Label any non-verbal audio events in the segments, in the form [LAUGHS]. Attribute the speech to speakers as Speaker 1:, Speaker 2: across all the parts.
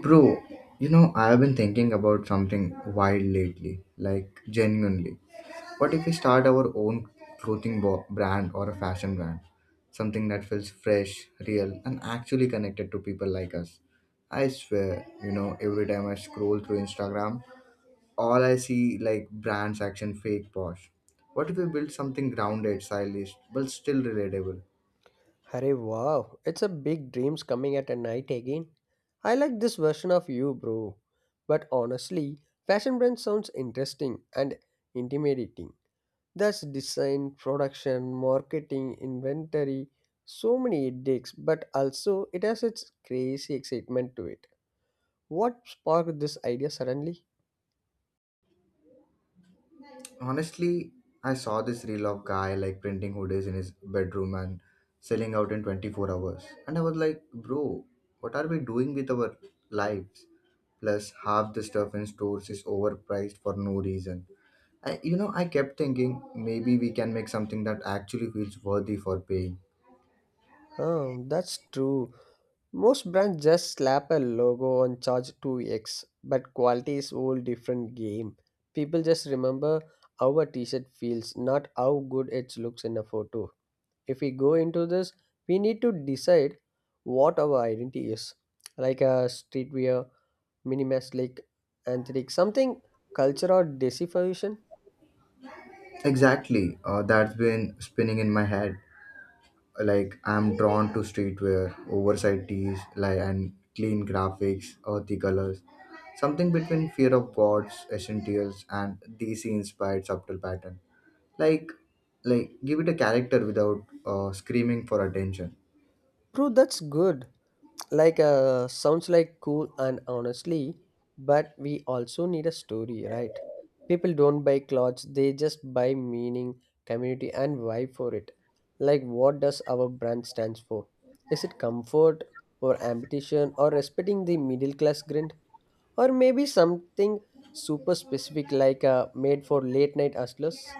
Speaker 1: Bro, I've been thinking about something wild lately, like genuinely. What if we start our own clothing brand or a fashion brand? Something that feels fresh, real, and actually connected to people like us. I swear, every time I scroll through Instagram, all I see like brands action fake posh. What if we build something grounded, stylish, but still relatable?
Speaker 2: Hurry, wow, it's a big dreams coming at a night again. I like this version of you, bro. But honestly, fashion brand sounds interesting and intimidating. That's design, production, marketing, inventory, so many headaches, but also it has its crazy excitement to it. What sparked this idea suddenly?
Speaker 1: Honestly, I saw this reel of guy like printing hoodies in his bedroom and selling out in 24 hours. And I was like, bro, what are we doing with our lives? Plus, half the stuff in stores is overpriced for no reason. I kept thinking maybe we can make something that actually feels worthy for paying.
Speaker 2: Oh, that's true. Most brands just slap a logo and charge 2x, but quality is whole different game. People just remember how a t-shirt feels, not how good it looks in a photo. If we go into this, we need to decide what our identity is, like a streetwear, minimalist, like anthric, something culture or desification.
Speaker 1: Exactly, that's been spinning in my head. Like I'm drawn to streetwear, oversized tees like and clean graphics, earthy colors, something between Fear of Gods Essentials and DC inspired subtle pattern, like like give it a character without screaming for attention.
Speaker 2: True, that's good, like sounds like cool and honestly, but we also need a story, right? People don't buy clothes, they just buy meaning, community and vibe for it. Like, what does our brand stands for? Is it comfort or ambition or respecting the middle class grind? Or maybe something super specific, like made for late night hustlers.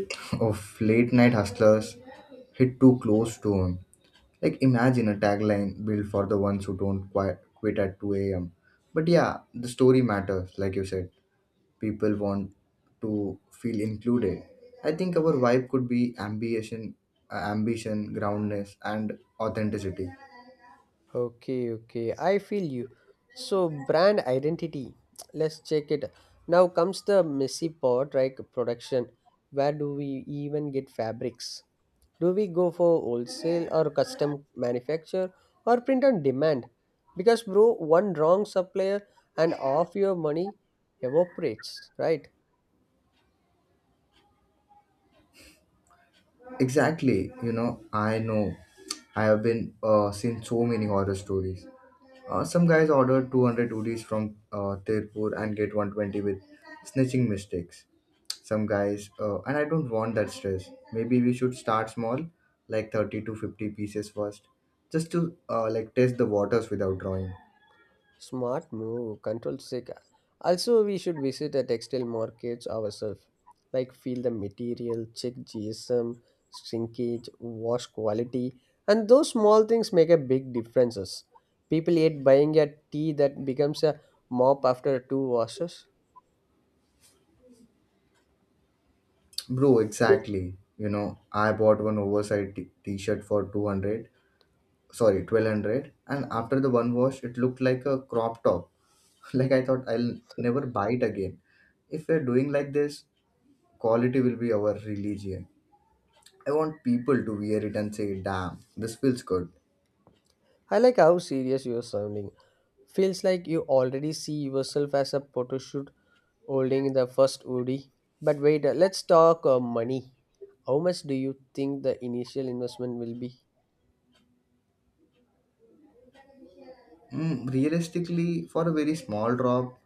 Speaker 1: [LAUGHS] Of late night hustlers hit too close to him. Like imagine a tagline built for the ones who don't quite quit at 2 a.m. But yeah, the story matters like you said. People want to feel included. I think our vibe could be ambition, groundness, and authenticity.
Speaker 2: Okay, okay. I feel you. So, brand identity. Let's check it. Now comes the messy part, like production. Where do we even get fabrics? Do we go for wholesale or custom manufacture or print on demand? Because, bro, one wrong supplier and half your money evaporates, right?
Speaker 1: Exactly, I know. I have been seen so many horror stories. Some guys order 200 udis from Tirpur and get 120 with snitching mistakes. And I don't want that stress. Maybe we should start small, like 30 to 50 pieces first, just to like test the waters without drawing.
Speaker 2: Smart move, control sick. Also, we should visit the textile markets ourselves, like feel the material, check GSM, shrinkage, wash quality, and those small things make a big differences. People hate buying a tea that becomes a mop after two washes.
Speaker 1: Bro, exactly. You know, I bought one oversized t-shirt for 200, sorry, 1200, and after the one wash, it looked like a crop top. [LAUGHS] Like I thought I'll never buy it again. If we're doing like this, quality will be our religion. I want people to wear it and say, damn, this feels good.
Speaker 2: I like how serious you're sounding. Feels like you already see yourself as a photoshoot holding the first woody. But wait, let's talk money. How much do you think the initial investment will be?
Speaker 1: Realistically, for a very small drop,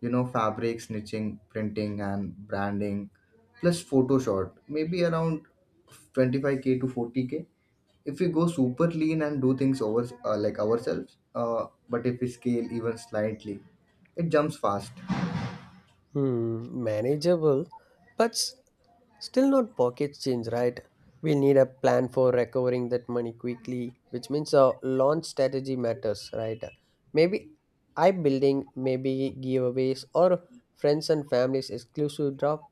Speaker 1: you know, fabric, snitching, printing, and branding, plus Photoshop, maybe around 25K to 40K. If we go super lean and do things over like ourselves, but if we scale even slightly, it jumps fast.
Speaker 2: Hmm, manageable, but still not pocket change, right? We'll need a plan for recovering that money quickly, which means a launch strategy matters, right? Maybe I building, maybe giveaways or friends and families exclusive drop.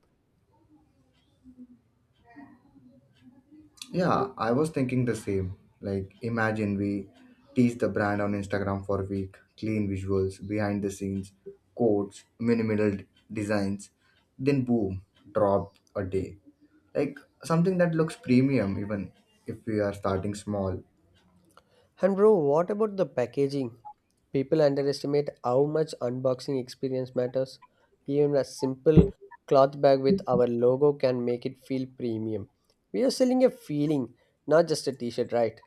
Speaker 1: Yeah, I was thinking the same. Like imagine we tease the brand on Instagram for a week, clean visuals, behind the scenes, quotes, minimal designs, then boom, drop a day, like something that looks premium even if we are starting small.
Speaker 2: And bro, what about the packaging? People underestimate how much unboxing experience matters. Even a simple cloth bag with our logo can make it feel premium. We are selling a feeling, not just a t-shirt, right?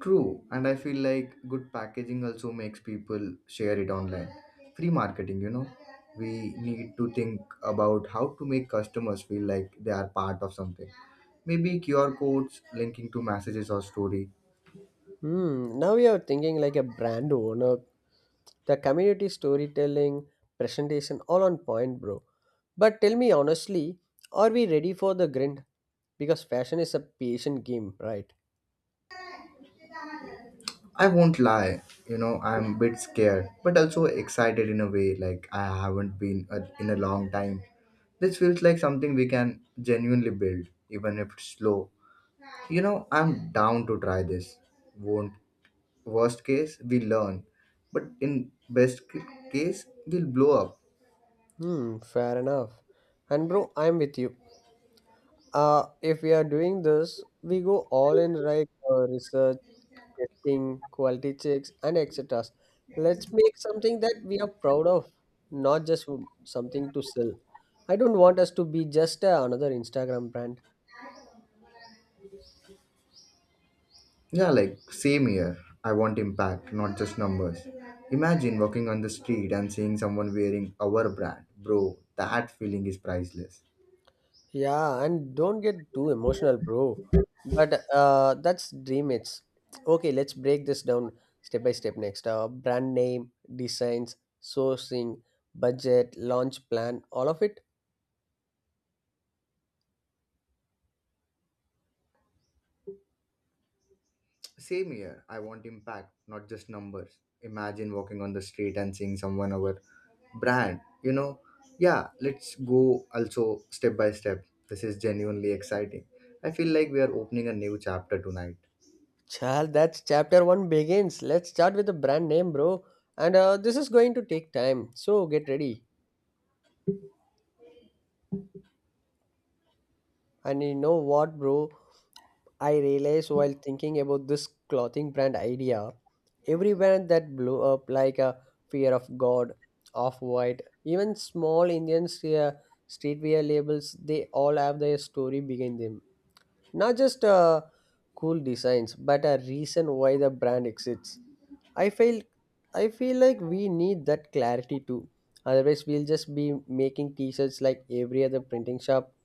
Speaker 1: True, and I feel like good packaging also makes people share it online. Free marketing. We need to think about how to make customers feel like they are part of something. Maybe QR codes linking to messages or story.
Speaker 2: Hmm, now we are thinking like a brand owner. The community storytelling, presentation, all on point, bro. But tell me honestly, are we ready for the grind? Because fashion is a patient game, right?
Speaker 1: I won't lie, I'm a bit scared, but also excited in a way like I haven't been in a long time. This feels like something we can genuinely build, even if it's slow. You know, I'm down to try this. Won't Worst case we learn, but in best case we'll blow up.
Speaker 2: Hmm, fair enough. And bro, I'm with you. If we are doing this, we go all in, right? Research, testing, quality checks, and etc. Let's make something that we are proud of, not just something to sell. I don't want us to be just another Instagram brand.
Speaker 1: Yeah, like same here. I want impact, not just numbers. Imagine walking on the street and seeing someone wearing our brand, bro. That feeling is priceless.
Speaker 2: Yeah, and don't get too emotional, bro. But that's dream it's. Okay, let's break this down step by step next. Brand name, designs, sourcing, budget, launch plan, all of it.
Speaker 1: Same here, I want impact, not just numbers. Imagine walking on the street and seeing someone our brand, you know. Yeah, let's go also step by step. This is genuinely exciting. I feel like we are opening a new chapter tonight.
Speaker 2: Chal, that's chapter one begins. Let's start with the brand name, bro. And this is going to take time, so get ready. And you know what, bro? I realized while thinking about this clothing brand idea, every brand that blew up like a Fear of God, Off White, even small Indian streetwear labels, they all have their story behind them. Not just cool designs, but a reason why the brand exists. I feel I feel like we need that clarity too. Otherwise, we'll just be making T-shirts like every other printing shop.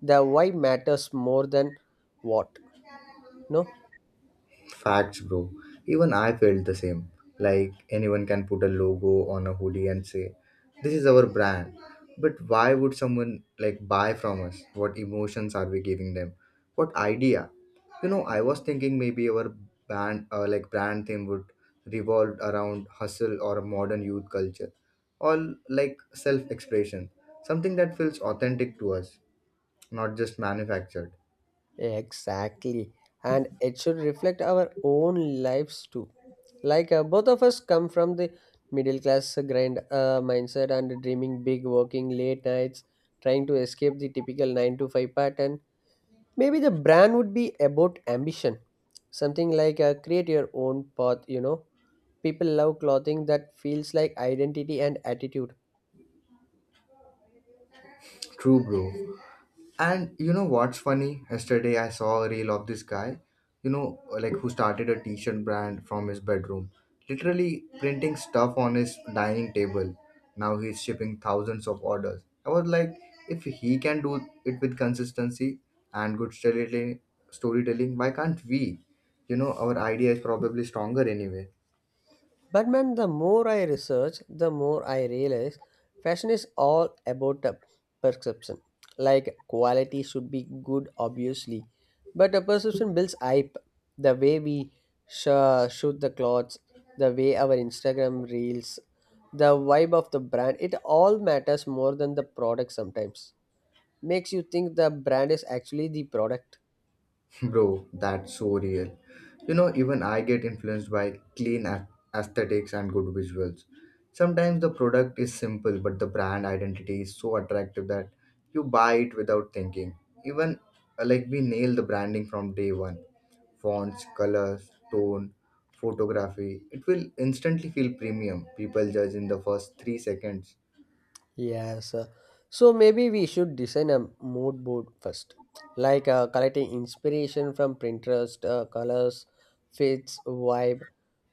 Speaker 2: The why matters more than what. No,
Speaker 1: Facts, bro. Even I felt the same. Like anyone can put a logo on a hoodie and say, "This is our brand." But why would someone like buy from us? What emotions are we giving them? What idea? I was thinking maybe our brand, like brand theme, would revolve around hustle or modern youth culture, or like self-expression, something that feels authentic to us, not just manufactured.
Speaker 2: exactly, and it should reflect our own lives too. Like both of us come from the middle class grind mindset and dreaming big, working late nights, trying to escape the typical 9 to 5 pattern. Maybe the brand would be about ambition, something like create your own path. People love clothing that feels like identity and attitude.
Speaker 1: True, bro. And you know what's funny? Yesterday I saw a reel of this guy, like who started a t-shirt brand from his bedroom, literally printing stuff on his dining table. Now he's shipping thousands of orders. I was like, if he can do it with consistency and good storytelling, why can't we? You know, our idea is probably stronger anyway.
Speaker 2: But man, the more I research, the more I realize fashion is all about a perception. Like quality should be good, obviously, but a perception builds hype. The way we shoot the clothes, the way our Instagram reels, the vibe of the brand, it all matters more than the product. Sometimes makes you think the brand is actually the product.
Speaker 1: Bro, that's so real. You know, even I get influenced by clean aesthetics and good visuals. Sometimes the product is simple, but the brand identity is so attractive that you buy it without thinking. Even like we nail the branding from day one, fonts, colors, tone, photography, it will instantly feel premium. People judge in the first 3 seconds.
Speaker 2: Yes. So maybe we should design a mood board first, like collecting inspiration from Pinterest, colors, fits, vibe,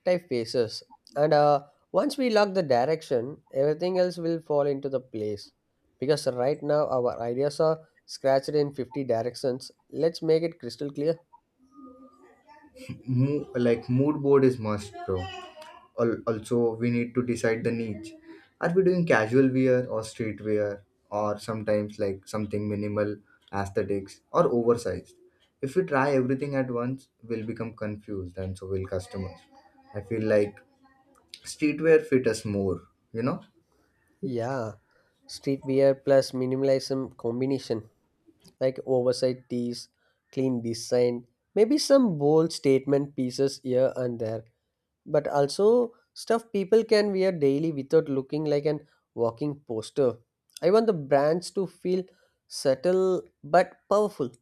Speaker 2: typefaces. And once we lock the direction, everything else will fall into the place. Because right now our ideas are scratched in 50 directions. Let's make it crystal clear.
Speaker 1: Like mood board is must, bro. Also, we need to decide the niche. Are we doing casual wear or street wear, or sometimes like something minimal, aesthetics, or oversized? If we try everything at once, we'll become confused, and so will customers. I feel like streetwear fit us more, you know.
Speaker 2: Yeah. Streetwear plus minimalism combination. Like oversight tees, clean design, maybe some bold statement pieces here and there, but also stuff people can wear daily without looking like an walking poster. I want the brands to feel subtle but powerful.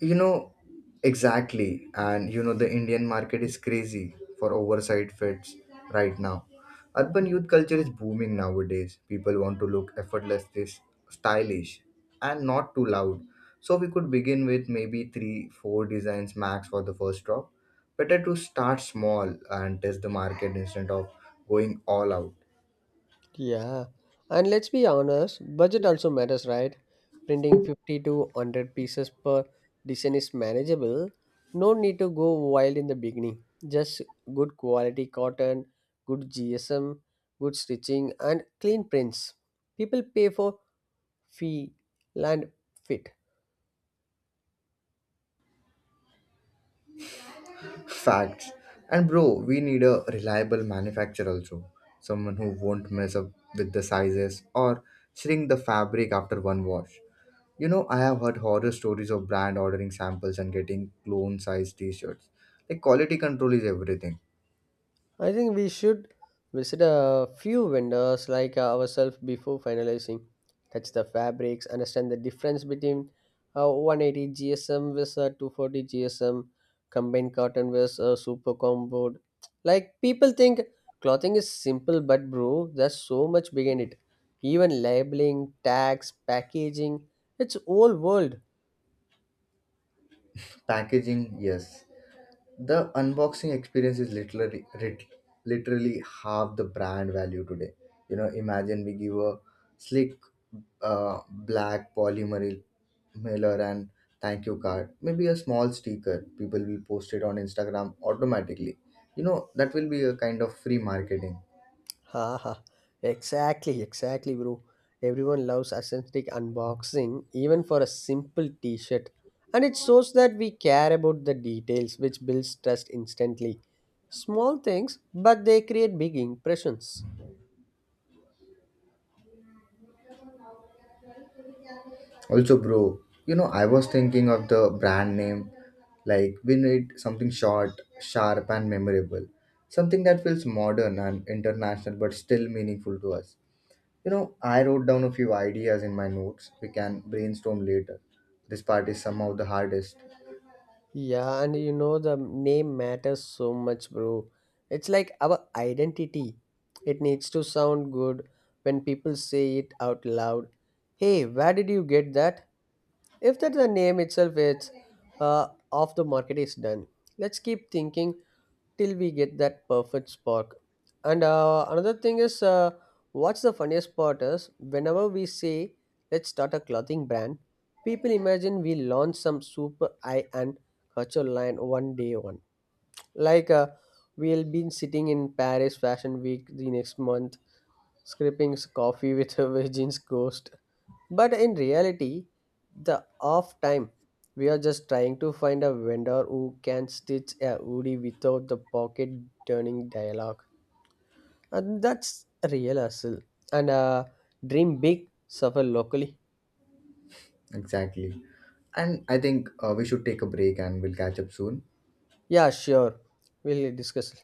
Speaker 1: You know, exactly. And you know, the Indian market is crazy for oversized fits right now. Urban youth culture is booming nowadays. People want to look effortlessly stylish and not too loud. So we could begin with maybe three, four designs max for the first drop. Better to start small and test the market instead of going all out.
Speaker 2: Yeah, and let's be honest, budget also matters, right? Printing 50 to 100 pieces per design is manageable. No need to go wild in the beginning. Just good quality cotton, good GSM, good stitching, and clean prints. People pay for feel and fit.
Speaker 1: Facts. And bro, we need a reliable manufacturer also. Someone who won't mess up with the sizes or shrink the fabric after one wash. You know, I have heard horror stories of brand ordering samples and getting clone sized t shirts. Like, quality control is everything.
Speaker 2: I think we should visit a few vendors like ourselves before finalizing. Touch the fabrics, understand the difference between 180 GSM with 240 GSM, combined cotton with super combo. Like people think clothing is simple, but bro, there's so much behind it. Even labeling, tags, packaging, it's whole world.
Speaker 1: Packaging, yes. The unboxing experience is literally half the brand value today. You know, imagine we give a slick black polymer mailer and thank you card, maybe a small sticker, people will post it on Instagram automatically. That will be a kind of free marketing.
Speaker 2: Ha ha. Exactly, exactly, bro. Everyone loves authentic unboxing, even for a simple t shirt. And it shows that we care about the details, which builds trust instantly. Small things, but they create big impressions.
Speaker 1: Also, bro, I was thinking of the brand name. Like, we need something short, sharp, and memorable. Something that feels modern and international but still meaningful to us. You know, I wrote down a few ideas in my notes. We can brainstorm later. This part is somehow the hardest.
Speaker 2: Yeah, and the name matters so much, bro. It's like our identity. It needs to sound good when people say it out loud. Hey, where did you get that? If that the name itself is off the market is done, let's keep thinking till we get that perfect spark. And another thing is, what's the funniest part is whenever we say let's start a clothing brand, people imagine we launch some super high end culture line one day one. Like we'll be sitting in Paris Fashion Week the next month, scraping coffee with a [LAUGHS] virgin's ghost, but in reality, the off time, we are just trying to find a vendor who can stitch a hoodie without the pocket turning dialogue. And that's a real hustle. And dream big, suffer locally.
Speaker 1: Exactly. And I think we should take a break, and we'll catch up soon.
Speaker 2: Yeah, sure. We'll discuss